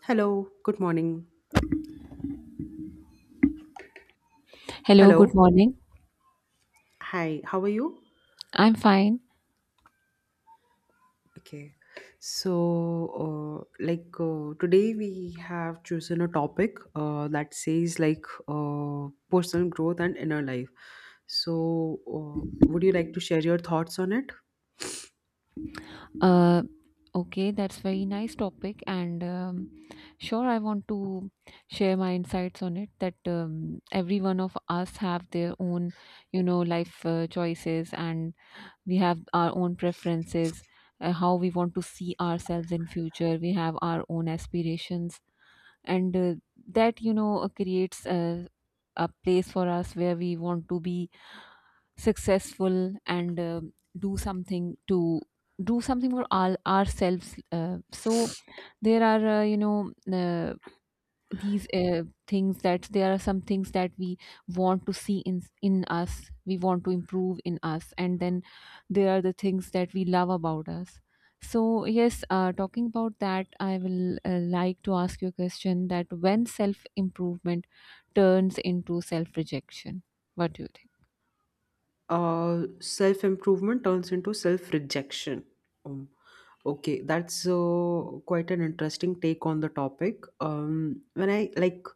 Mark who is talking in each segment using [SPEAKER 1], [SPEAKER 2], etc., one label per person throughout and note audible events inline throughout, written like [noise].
[SPEAKER 1] Hello, good morning.
[SPEAKER 2] Hello, good
[SPEAKER 1] Hello.
[SPEAKER 2] morning.
[SPEAKER 1] Hi, how are you?
[SPEAKER 2] I'm fine.
[SPEAKER 1] Okay. So, today we have chosen a topic that says personal growth and inner life. So, would you like to share your thoughts on it?
[SPEAKER 2] Uh, okay, that's very nice topic, and sure, I want to share my insights on it. That every one of us have their own, you know, life choices, and we have our own preferences, how we want to see ourselves in future. We have our own aspirations, and that you know creates a place for us where we want to be successful and do something to do something for all ourselves, so there are you know these things that there are some things that we want to see in us, we want to improve in us, and then there are the things that we love about us. So yes, talking about that, I will like to ask you a question that when self improvement turns into self rejection, what do you think?
[SPEAKER 1] Self improvement turns into self rejection. Um, okay, that's quite an interesting take on the topic. When I like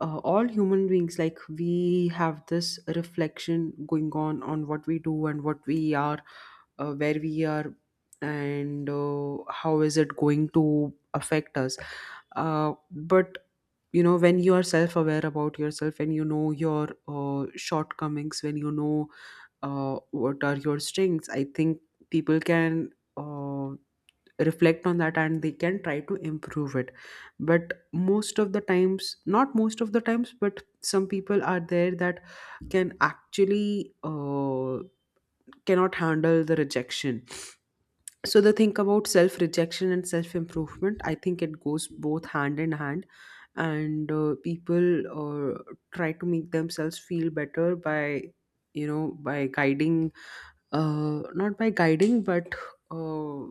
[SPEAKER 1] All human beings, like we have this reflection going on what we do and what we are, where we are, and how is it going to affect us. But you know when you are self aware about yourself and you know your shortcomings, when you know what are your strengths, I think people can uh, reflect on that and they can try to improve it. But most of the times not most of the times, but some people are there that can actually cannot handle the rejection. So the thing about self rejection and self improvement, I think it goes both hand in hand, and people try to make themselves feel better by you know by guiding not by guiding, but uh,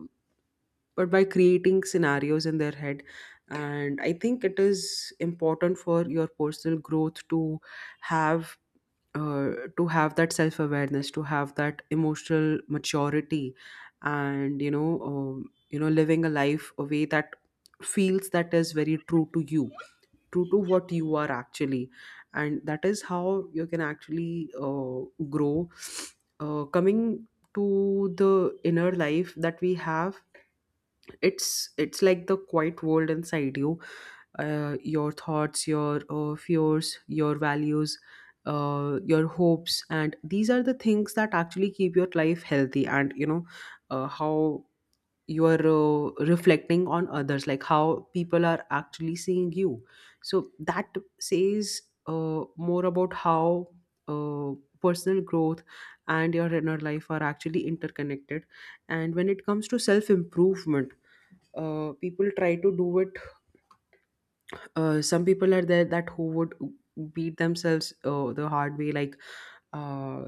[SPEAKER 1] by creating scenarios in their head. And I think it is important for your personal growth have uh, to have that self awareness, to have that emotional maturity, and you know, living a life a way that feels, that is very true to you, true to what you are actually. And that is how you can actually grow. Coming to the inner life that we have, it's like the quiet world inside you, your thoughts, your fears, your values, your hopes. And these are the things that actually keep your life healthy, and you know how you are reflecting on others, like how people are actually seeing you. So that says more about how uh, personal growth and your inner life are actually interconnected. And when it comes to self improvement, people try to do it. Some people are there, that who would beat themselves the hard way, like uh,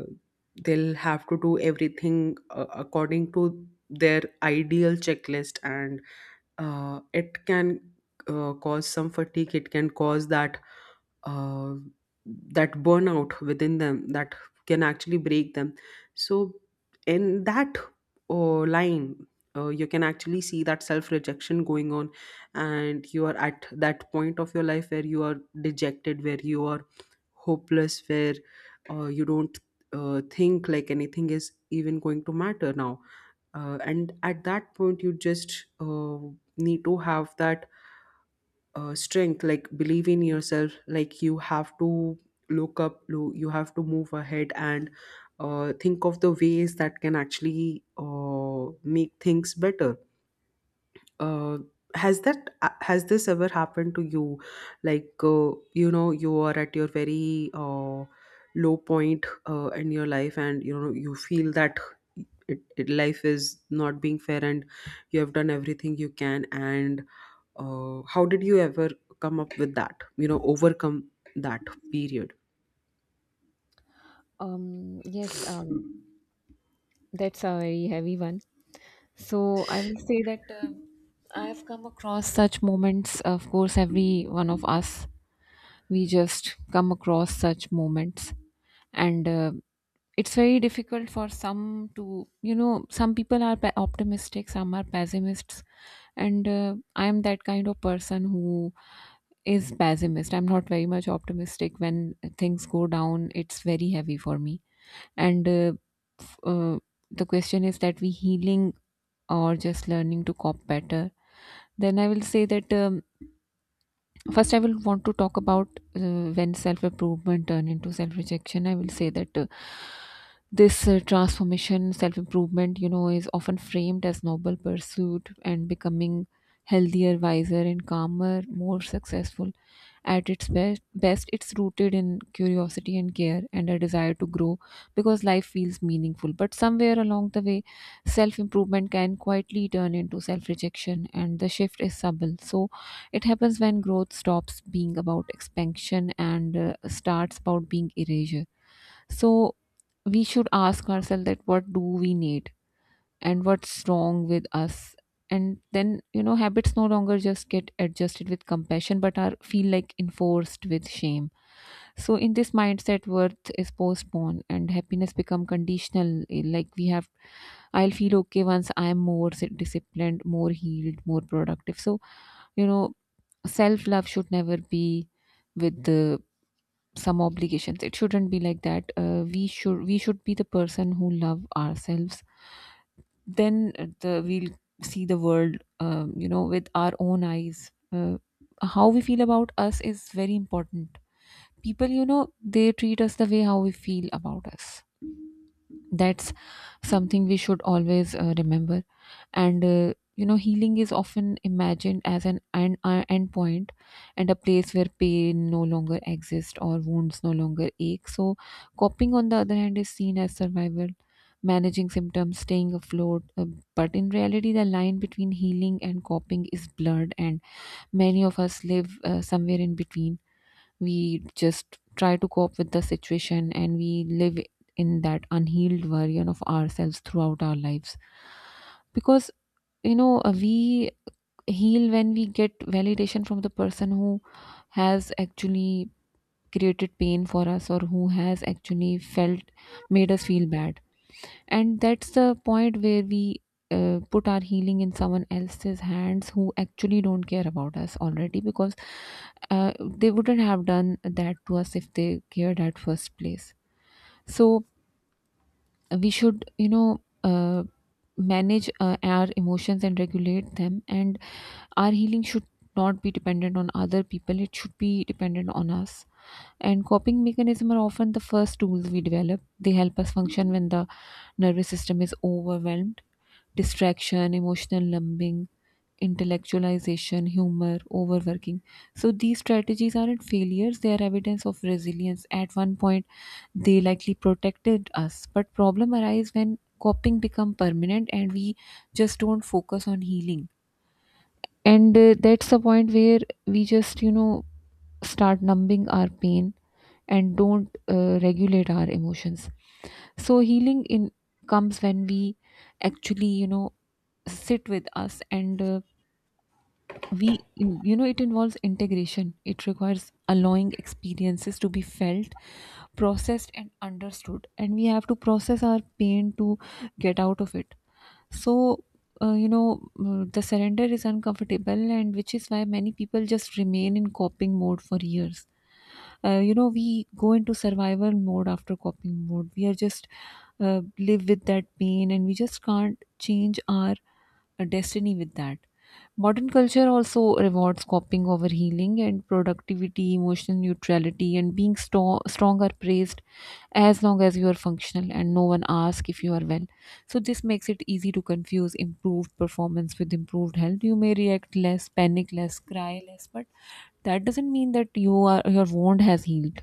[SPEAKER 1] they'll have to do everything according to their ideal checklist, and it can cause some fatigue, it can cause that uh, that burnout within them that can actually break them. So, in that uh, line, you can actually see that self rejection going on, and you are at that point of your life where you are dejected, where you are hopeless, where you don't think like anything is even going to matter now. And at that point, you just need to have that strength, like believe in yourself, like you have to you have to move ahead and think of the ways that can actually make things better. uh, has this ever happened to you, like you know, you are at your very low point in your life, and you know you feel that life is not being fair, and you have done everything you can, and how did you ever come up with that, you know, overcome that period?
[SPEAKER 2] Yes, that's a very heavy one. So I will say that I have come across such moments. Of course, every one of us, we just come across such moments, and it's very difficult for some to, you know, some people are optimistic, some are pessimists, and I am that kind of person who is pessimist. I'm not very much optimistic. When things go down, it's very heavy for me, and f- uh, the question is that we healing or just learning to cope better? Then I will say that, first, I will want to talk about when self improvement turn into self rejection. I will say that this transformation, self improvement, you know, is often framed as noble pursuit and becoming healthier, wiser, and calmer, more successful. At its best, it's rooted in curiosity and care and a desire to grow because life feels meaningful. But somewhere along the way, self improvement can quietly turn into self rejection, and the shift is subtle. So, it happens when growth stops being about expansion and, starts about being erasure. So we should ask ourselves that what do we need and what's wrong with us. And then, you know, habits no longer just get adjusted with compassion but are feel like enforced with shame. So in this mindset, worth is postponed and happiness become conditional. Like we have, I'll feel okay once I'm more disciplined, more healed, more productive. So, you know, self love should never be with the some obligations. It shouldn't be like that. We should be the person who love ourselves. Then the we'll see the world, you know, with our own eyes. How we feel about us is very important. People, you know, they treat us the way how we feel about us. That's something we should always remember. And you know, healing is often imagined as an end, end point, and a place where pain no longer exists or wounds no longer ache. So coping, on the other hand, is seen as survival, managing symptoms, staying afloat, but in reality the line between healing and coping is blurred, and many of us live somewhere in between. We just try to cope with the situation and we live in that unhealed version of ourselves throughout our lives, because, you know, we heal when we get validation from the person who has actually created pain for us or who has actually felt made us feel bad. And that's the point where we put our healing in someone else's hands who actually don't care about us already, because they wouldn't have done that to us if they cared at first place. So we should, you know, manage our emotions and regulate them, and our healing should not be dependent on other people, it should be dependent on us. And coping mechanisms are often the first tools we develop. They help us function when the nervous system is overwhelmed. Distraction, emotional numbing, intellectualization, humor, overworking. So these strategies aren't failures, they are evidence of resilience. At one point, they likely protected us. But problem arise when coping become permanent and we just don't focus on healing, and that's the point where we just, you know, start numbing our pain and don't regulate our emotions. So healing in comes when we actually, you know, sit with us, and we, you know, it involves integration, it requires allowing experiences to be felt, processed and understood, and we have to process our pain to get out of it. So, you know, mm, the surrender is uncomfortable, and which is why many people just remain in coping mode for years. You know, we go into survival mode after coping mode. We are just live with that pain, and we just can't change our destiny with that. Modern culture also rewards coping over healing, and productivity, emotional neutrality, and being strong are praised as long as you are functional and no one asks if you are well. So this makes it easy to confuse improved performance with improved health. You may react less, panic less, cry less, but that doesn't mean that you are your wound has healed.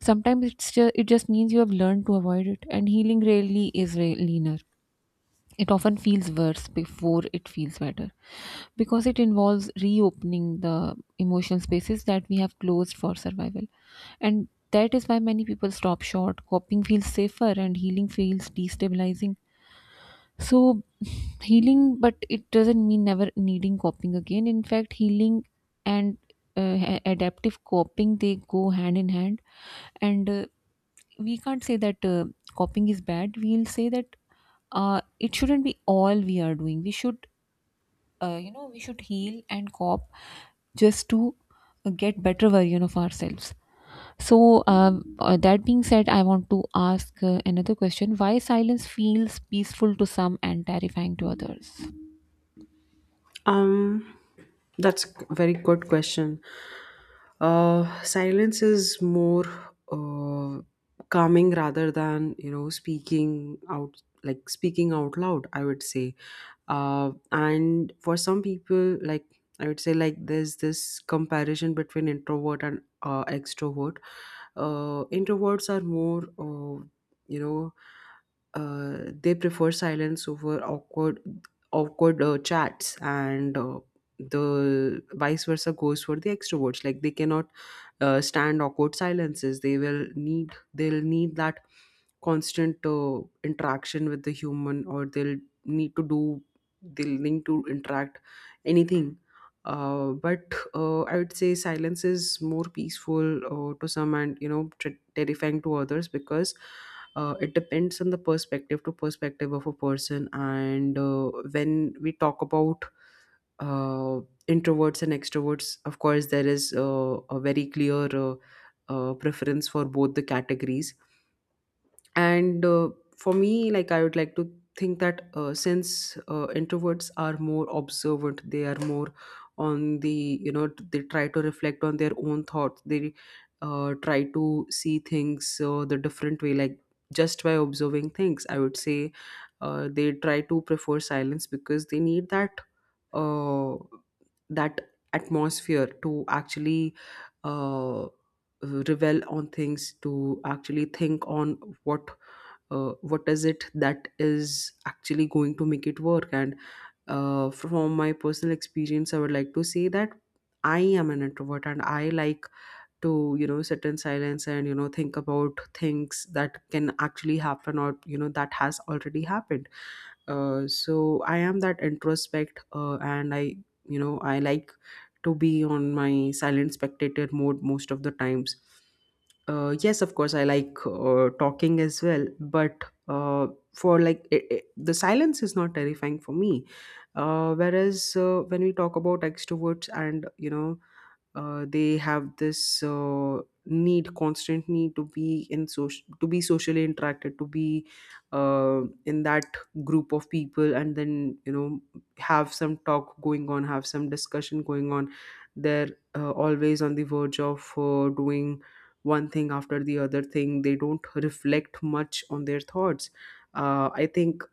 [SPEAKER 2] Sometimes it just means you have learned to avoid it, and healing rarely is leaner. It often feels worse before it feels better because it involves reopening the emotional spaces that we have closed for survival. And that is why many people stop short. Coping feels safer and healing feels destabilizing. So, [sighs] healing, but it doesn't mean never needing coping again. In fact, healing and, adaptive coping, they go hand in hand, and we can't say that coping is bad. We'll say that it shouldn't be all we are doing. We should, you know, we should heal and cop just to get better version of ourselves. So, that being said, I want to ask another question: why silence feels peaceful to some and terrifying to others?
[SPEAKER 1] Um, that's a very good question. Silence is more uh, calming rather than, you know, speaking out, like speaking out loud, I would say. And for some people, like I would say, like there's this comparison between introvert and extrovert. Introverts are more you know they prefer silence over awkward chats, and the vice versa goes for the extroverts, like they cannot stand awkward silences. They'll need that constant interaction with the human, or need to do they'll need to interact anything. But I would say silence is more peaceful to some, and you know terrifying to others, because it depends on the perspective of a person. And when we talk about uh, introverts and extroverts, of course, there is a very clear preference for both the categories. And for me, like I would like to think that since introverts are more observant, they are more on the, you know, they try to reflect on their own thoughts. They try to see things the different way, like just by observing things, I would say they try to prefer silence because they need that uh, that atmosphere to actually uh, revel on things, to actually think on what, what is it that is actually going to make it work. And from my personal experience, I would like to say that I am an introvert, and I like to, you know, sit in silence and, you know, think about things that can actually happen, or you know, that has already happened. So I am that introspect, and I, you know, I like to be on my silent spectator mode most of the times. Yes, of course, I like talking as well, but for like it, the silence is not terrifying for me. Whereas when we talk about extroverts, and you know, they have this need constant need to be in social, to be socially interacted, to be in that group of people, and then, you know, have some talk going on, have some discussion going on. They're always on the verge of doing one thing after the other thing. They don't reflect much on their thoughts. I think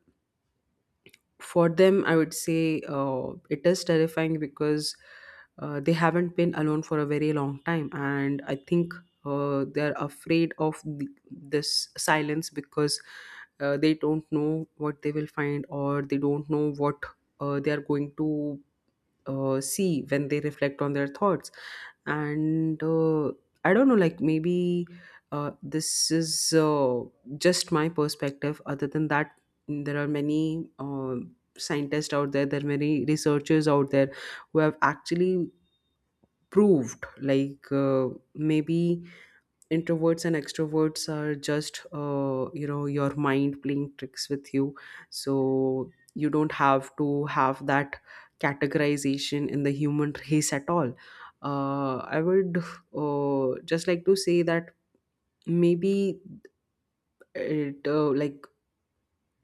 [SPEAKER 1] for them, I would say it is terrifying because they haven't been alone for a very long time, and I think they're afraid of this silence, because they don't know what they will find, or they don't know what they are going to see when they reflect on their thoughts. And I don't know, like maybe this is just my perspective. Other than that, there are many scientists out there, there are many researchers out there who have actually proved like maybe introverts and extroverts are just, you know, your mind playing tricks with you. So you don't have to have that categorization in the human [laughs] race at all. I would just like to say that maybe it like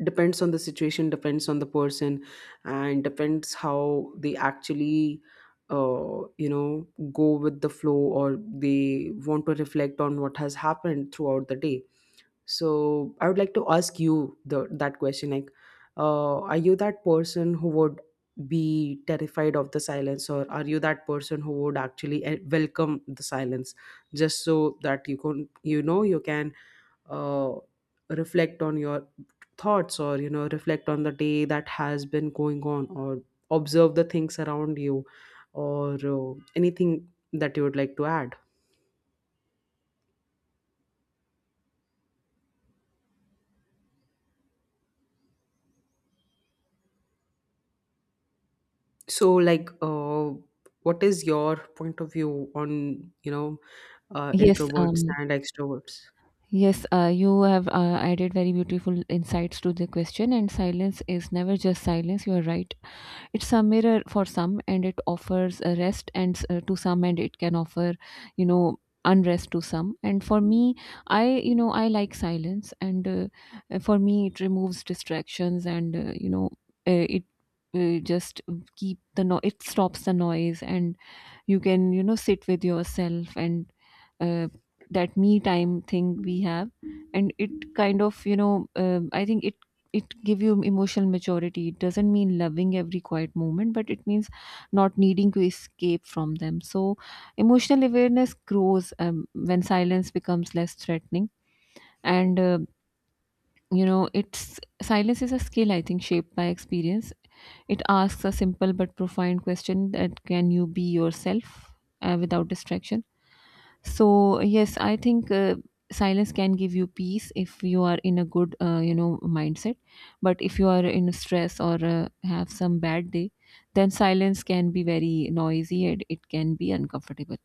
[SPEAKER 1] depends on the situation, depends on the person, and depends how they actually, you know, go with the flow, or they want to reflect on what has happened throughout the day. So I would like to ask you that question, like are you that person who would be terrified of the silence, or are you that person who would actually, eh, welcome the silence, just so that you can, you know, you can uh, reflect on your thoughts, or you know, reflect on the day that has been going on, or observe the things around you, or anything that you would like to add. So like what is your point of view on, you know,
[SPEAKER 2] Yes,
[SPEAKER 1] introverts
[SPEAKER 2] um,
[SPEAKER 1] and extroverts?
[SPEAKER 2] yes, you have added very beautiful insights to the question, and silence is never just silence. You are right. It's a mirror for some, and it offers a rest, and to some, and it can offer, you know, unrest to some. And for me, you know, I like silence, and for me, it removes distractions, and you know, it. Just keep the no it stops the noise, and you can, you know, sit with yourself, and uh, that me time thing we have, and it kind of, you know, I think it give you emotional maturity. It doesn't mean loving every quiet moment, but it means not needing to escape from them. So emotional awareness grows when silence becomes less threatening. And you know, it's silence is a skill, I think, shaped by experience. It asks a simple but profound question: that can you be yourself without distraction. So yes, I think, silence can give you peace if you are in a good, you know, mindset. But if you are in stress or have some bad day, then silence can be very noisy and it can be uncomfortable.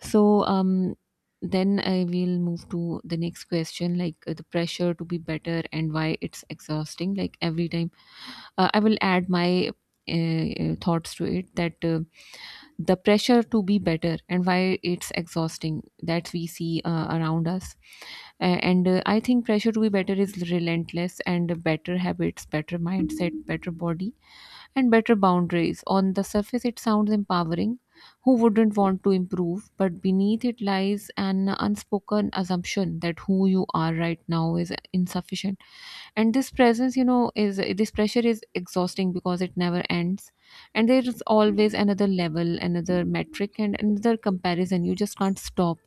[SPEAKER 2] So, then I will move to the next question, like the pressure to be better and why it's exhausting. Like every time, I will add my thoughts to it that. The pressure to be better and why it's exhausting that we see around us. And I think pressure to be better is relentless, and better habits, better mindset, better body, and better boundaries. On the surface, it sounds empowering. Who wouldn't want to improve? But beneath it lies an unspoken assumption that who you are right now is insufficient. And this presence, you know, is this pressure is exhausting because it never ends, and there is always another level, another metric, and another comparison. You just can't stop.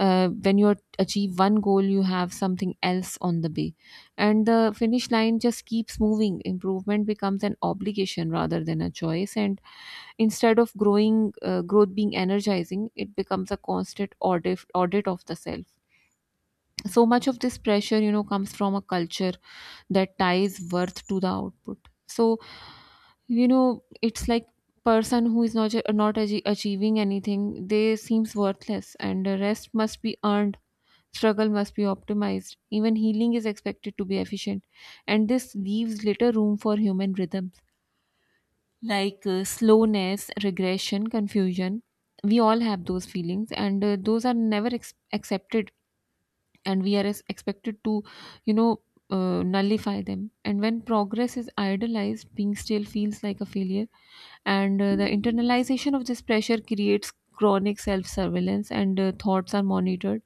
[SPEAKER 2] When you achieve one goal, you have something else on the way, and the finish line just keeps moving. Improvement becomes an obligation rather than a choice, and instead of growing, growth being energizing, it becomes a constant audit of the self. So much of this pressure, you know, comes from a culture that ties worth to the output. So, you know, it's like person who is not achieving anything, they seems worthless, and the rest must be earned, struggle must be optimized. Even healing is expected to be efficient, and this leaves little room for human rhythms, like slowness, regression, confusion. We all have those feelings, and those are never accepted, and we are expected to you know nullify them. And when progress is idolized, being still feels like a failure. And uh, the internalization of this pressure creates chronic self surveillance, and thoughts are monitored,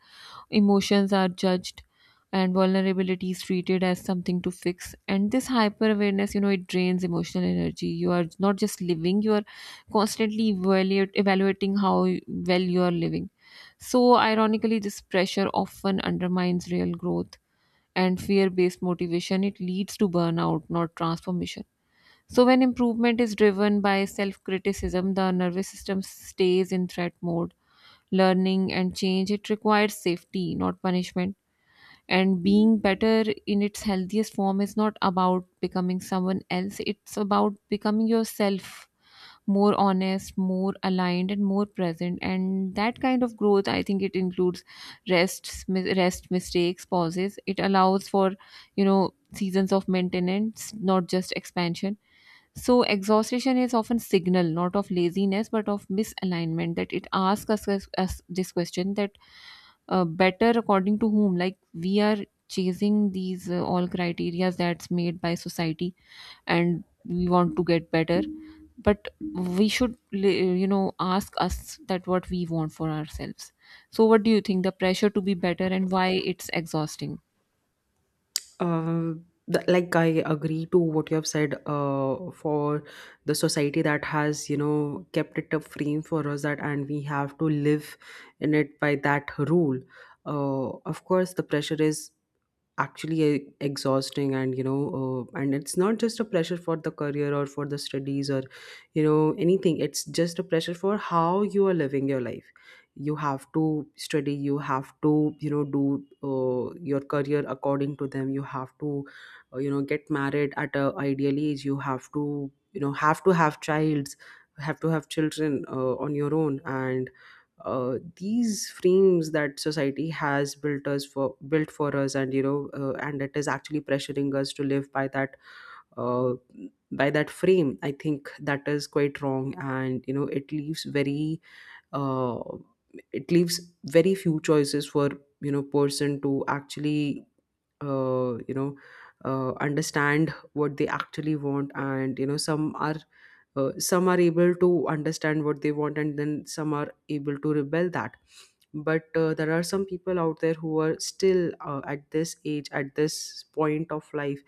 [SPEAKER 2] emotions are judged, and vulnerability is treated as something to fix. And this hyper awareness, it drains emotional energy. You are not just living, you are constantly evaluating how well you are living. So ironically, this pressure often undermines real growth, and fear based motivation, it leads to burnout, not transformation. So when improvement is driven by self criticism, the nervous system stays in threat mode. Learning and change, it requires safety, not punishment. And being better in its healthiest form is not about becoming someone else, it's about becoming yourself, more honest, more aligned, and more present. And that kind of growth, I think it includes rest, mistakes, pauses. It allows for seasons of maintenance, not just expansion. So exhaustion is often signal, not of laziness but of misalignment. That it asks us this question that better according to whom? Like we are chasing these all criteria that's made by society, and we want to get better. But we should ask us that what we want for ourselves. So what do you think, the pressure to be better and why it's exhausting?
[SPEAKER 1] Uh, like I agree to what you have said for the society that has, you know, kept it a frame for us, that and we have to live in it by that rule. Of course, the pressure is actually exhausting. And you know and it's not just a pressure for the career or for the studies or, you know, anything. It's just a pressure for how you are living your life. You have to study, you have to, you know, do your career according to them. You have to, you know, get married at a ideal age. You have to, you know, have to have children on your own. And these frames that society has built for us, and you know and it is actually pressuring us to live by that, uh, by that frame. I think that is quite wrong, and you know, uh, it leaves very few choices for, you know, person to actually you know understand what they actually want. And you know, some are, some are able to understand what they want, and then some are able to rebel that. But there are some people out there who are still at this age, at this point of life,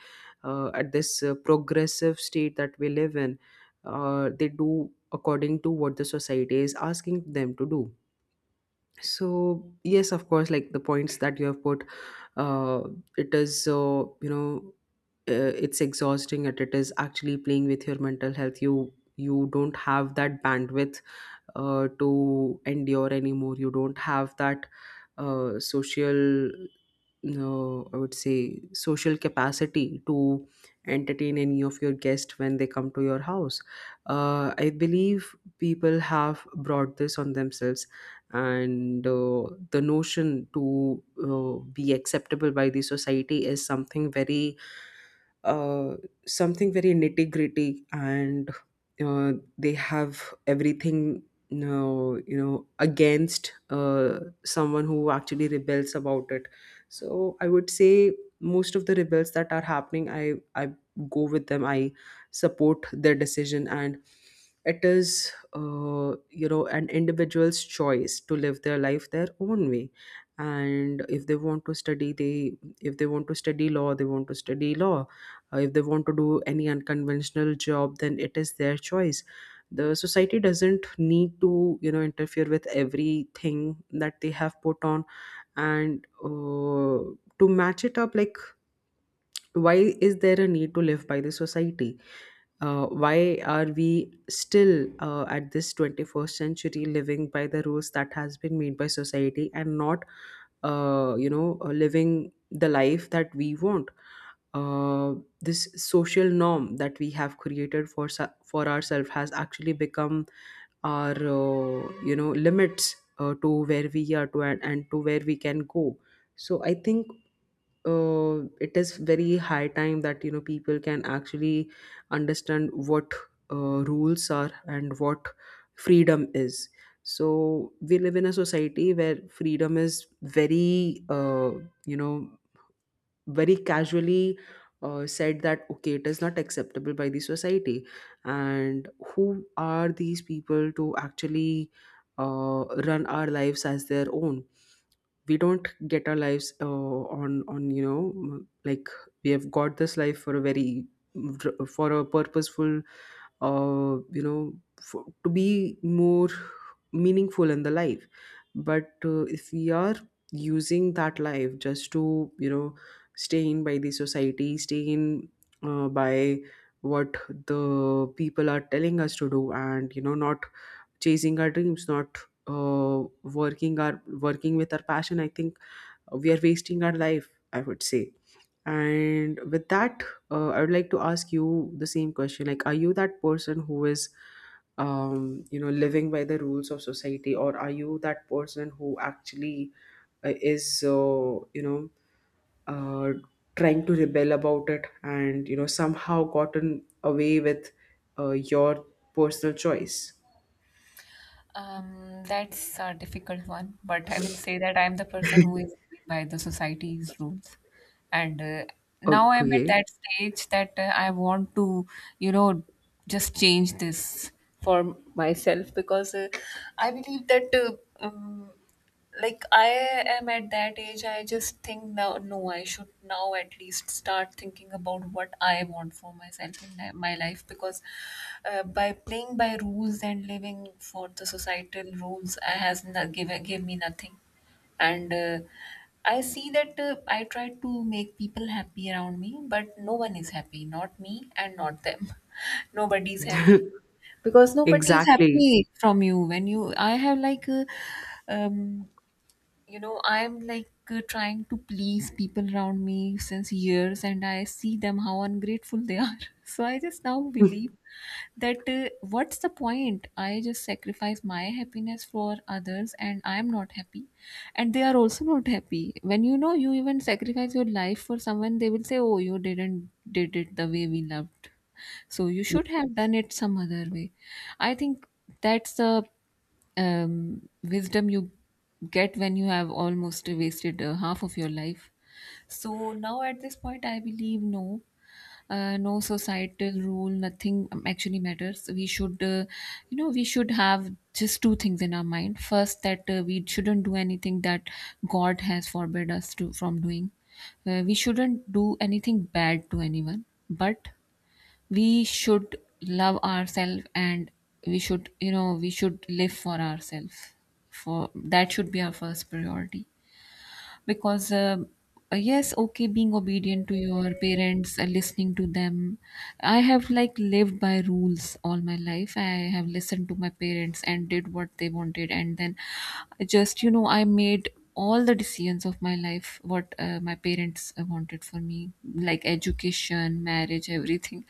[SPEAKER 1] at this progressive state that we live in, they do according to what the society is asking them to do. So yes, of course, like the points that you have put, uh it is so, you know, it's exhausting, and it is actually playing with your mental health. You don't have that bandwidth to endure anymore. You don't have that social no, I would say social capacity to entertain any of your guests when they come to your house. I believe people have brought this on themselves, and the notion to be acceptable by the society is something uh, very nitty gritty, and uh, they have everything. No, you know, against someone who actually rebels about it. So I would say most of the rebels that are happening, I go with them. I support their decision, and it is an individual's choice to live their life their own way. And if they want to study they if they want to study law, they want to study law. If they want to do any unconventional job, then it is their choice. The society doesn't need to, you know, interfere with everything that they have put on. And to match it up, like, why is there a need to live by the society? Why are we still, at this 21st century, living by the rules that has been made by society, and not, living the life that we want? uh, this social norm that we have created for ourselves has actually become our, limits, to where we are to, and to where we can go. So I think it is very high time that, you know, people can actually understand what rules are and what freedom is. So we live in a society where freedom is very, you know very casually, said that, okay, it is not acceptable by the society. And who are these people to actually, run our lives as their own? We don't get our lives on you know, like, we have got this life for a very, for a purposeful, uh, you know to be more meaningful in the life. But if we are using that life just to, you know, stay in by the society, stay in by what the people are telling us to do, and you know, not chasing our dreams, not uh, working our, working with our passion, I think we are wasting our life, I would say. And with that, I would like to ask you the same question, like, are you that person who is, you know, living by the rules of society, or are you that person who actually, is you know uh, trying to rebel about it, and you know, somehow gotten away with your personal choice?
[SPEAKER 2] Um, that's a difficult one, but I will say that I'm the person who is living by the society's rules. And Now I'm at
[SPEAKER 1] Okay.
[SPEAKER 2] that stage that I want to, you know, just change this for myself, because I believe that. Like I am at that age, I just think now, no, I should now at least start thinking about what I want for myself in my life, because by playing by rules and living for the societal rules, has not given gave me nothing. And I see that I try to make people happy around me, but no one is happy, not me and not them. [laughs] Nobody is happy, because nobody is
[SPEAKER 1] Exactly.
[SPEAKER 2] happy from you when you I have, like um, I'm like trying to please people around me since years, and I see them how ungrateful they are. [laughs] So I just now believe that what's the point, I just sacrifice my happiness for others and I'm not happy, and they are also not happy. When you know, you even sacrifice your life for someone, they will say, oh, you didn't did it the way we loved, so you should have done it some other way. I think that's the wisdom you get when you have almost wasted half of your life. So now at this point, I believe no, no societal rule, nothing actually matters. We should, you know, we should have just two things in our mind. First, that we shouldn't do anything that God has forbid us to from doing. We shouldn't do anything bad to anyone, but we should love ourselves, and we should, you know, we should live for ourselves, for that should be our first priority. Because yes, okay, being obedient to your parents, listening to them, I have, like, lived by rules all my life. I have listened to my parents and did what they wanted, and then just, you know, I made all the decisions of my life what my parents wanted for me, like education, marriage, everything.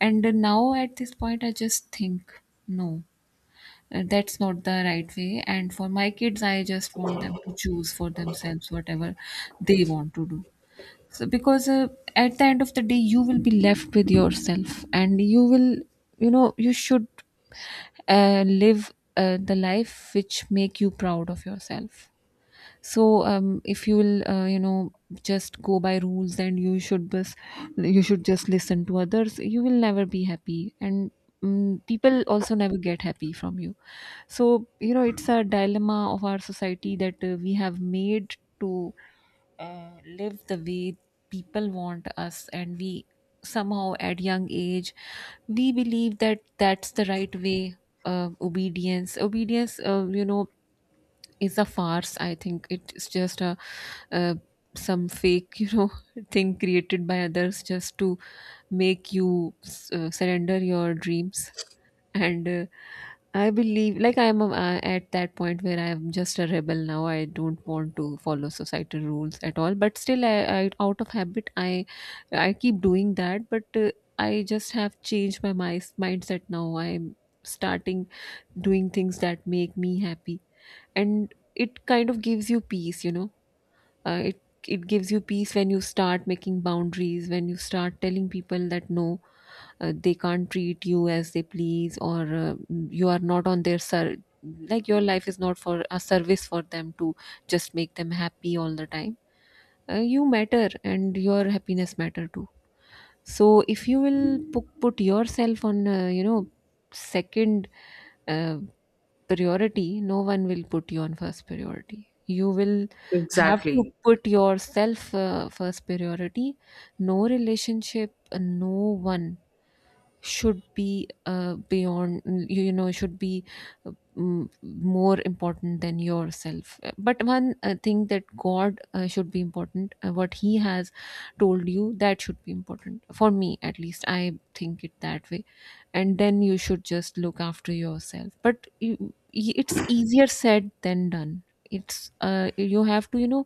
[SPEAKER 2] And Now at this point, I just think no, that's not the right way. And for my kids, I just want them to choose for themselves whatever they want to do. So, because at the end of the day, you will be left with yourself, and you will, you know, you should live the life which make you proud of yourself. So if you'll, you know, just go by rules, and you should just listen to others, you will never be happy, and mm, people also never get happy from you. So you know, it's a dilemma of our society that we have made to live the way people want us, and we somehow at young age we believe that that's the right way. Obedience, you know, is a farce. I think it's just a uh, some fake, you know, [laughs] thing created by others just to make you surrender your dreams. And I believe, like I'm a, I- at that point where I'm just a rebel now, I don't want to follow societal rules at all, but still I out of habit I keep doing that. But I just have changed my mindset. Now I'm starting doing things that make me happy, and it kind of gives you peace, you know. Uh, it it gives you peace when you start making boundaries, when you start telling people that no, they can't treat you as they please, or you are not on their ser- like your life is not for a service for them to just make them happy all the time. You matter, and your happiness matter too. So if you will put yourself on, you know, second uh, priority, no one will put you on first priority. You will have to
[SPEAKER 1] Exactly.
[SPEAKER 2] put yourself first priority. No relationship, no one should be beyond you, you know, should be more important than yourself. But one thing that God, should be important, what he has told you, that should be important for me, at least I think it that way. And then you should just look after yourself. But you, it's easier said than done. It's you have to, you know,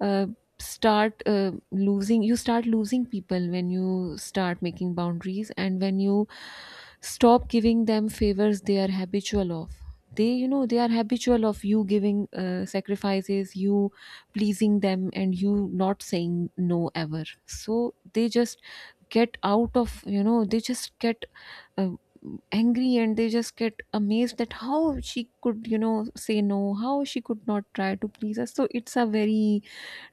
[SPEAKER 2] uh start losing you start losing people when you start making boundaries, and when you stop giving them favors. They are habitual of, they, you know, they are habitual of you giving sacrifices, you pleasing them, and you not saying no ever. So they just get out of, you know, they just get uh, angry, and they just get amazed that how she could, you know, say no, how she could not try to please us. So it's a very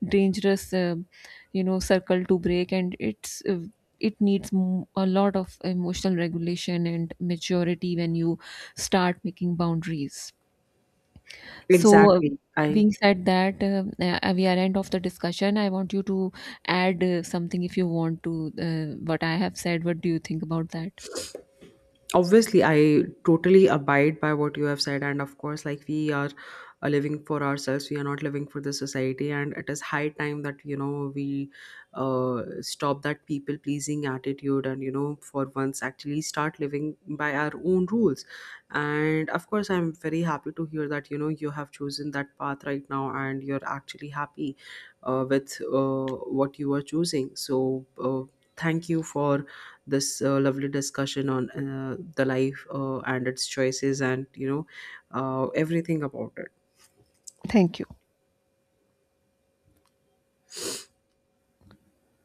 [SPEAKER 2] dangerous you know, circle to break, and it's it needs a lot of emotional regulation and maturity when you start making boundaries. So
[SPEAKER 1] Exactly. I
[SPEAKER 2] being said that, we are end of the discussion, I want you to add something if you want to, what I have said, what do you think about that?
[SPEAKER 1] obviously i totally abide by what you have said. And of course, like, we are, living for ourselves, we are not living for the society, and it is high time that, you know, we, stop that people pleasing attitude, and you know, for once actually start living by our own rules. And of course, I'm very happy to hear that, you know, you have chosen that path right now, and you're actually happy, with what you are choosing. So, thank you for this lovely discussion on the life and its choices, and you know, everything about it.
[SPEAKER 2] Thank you.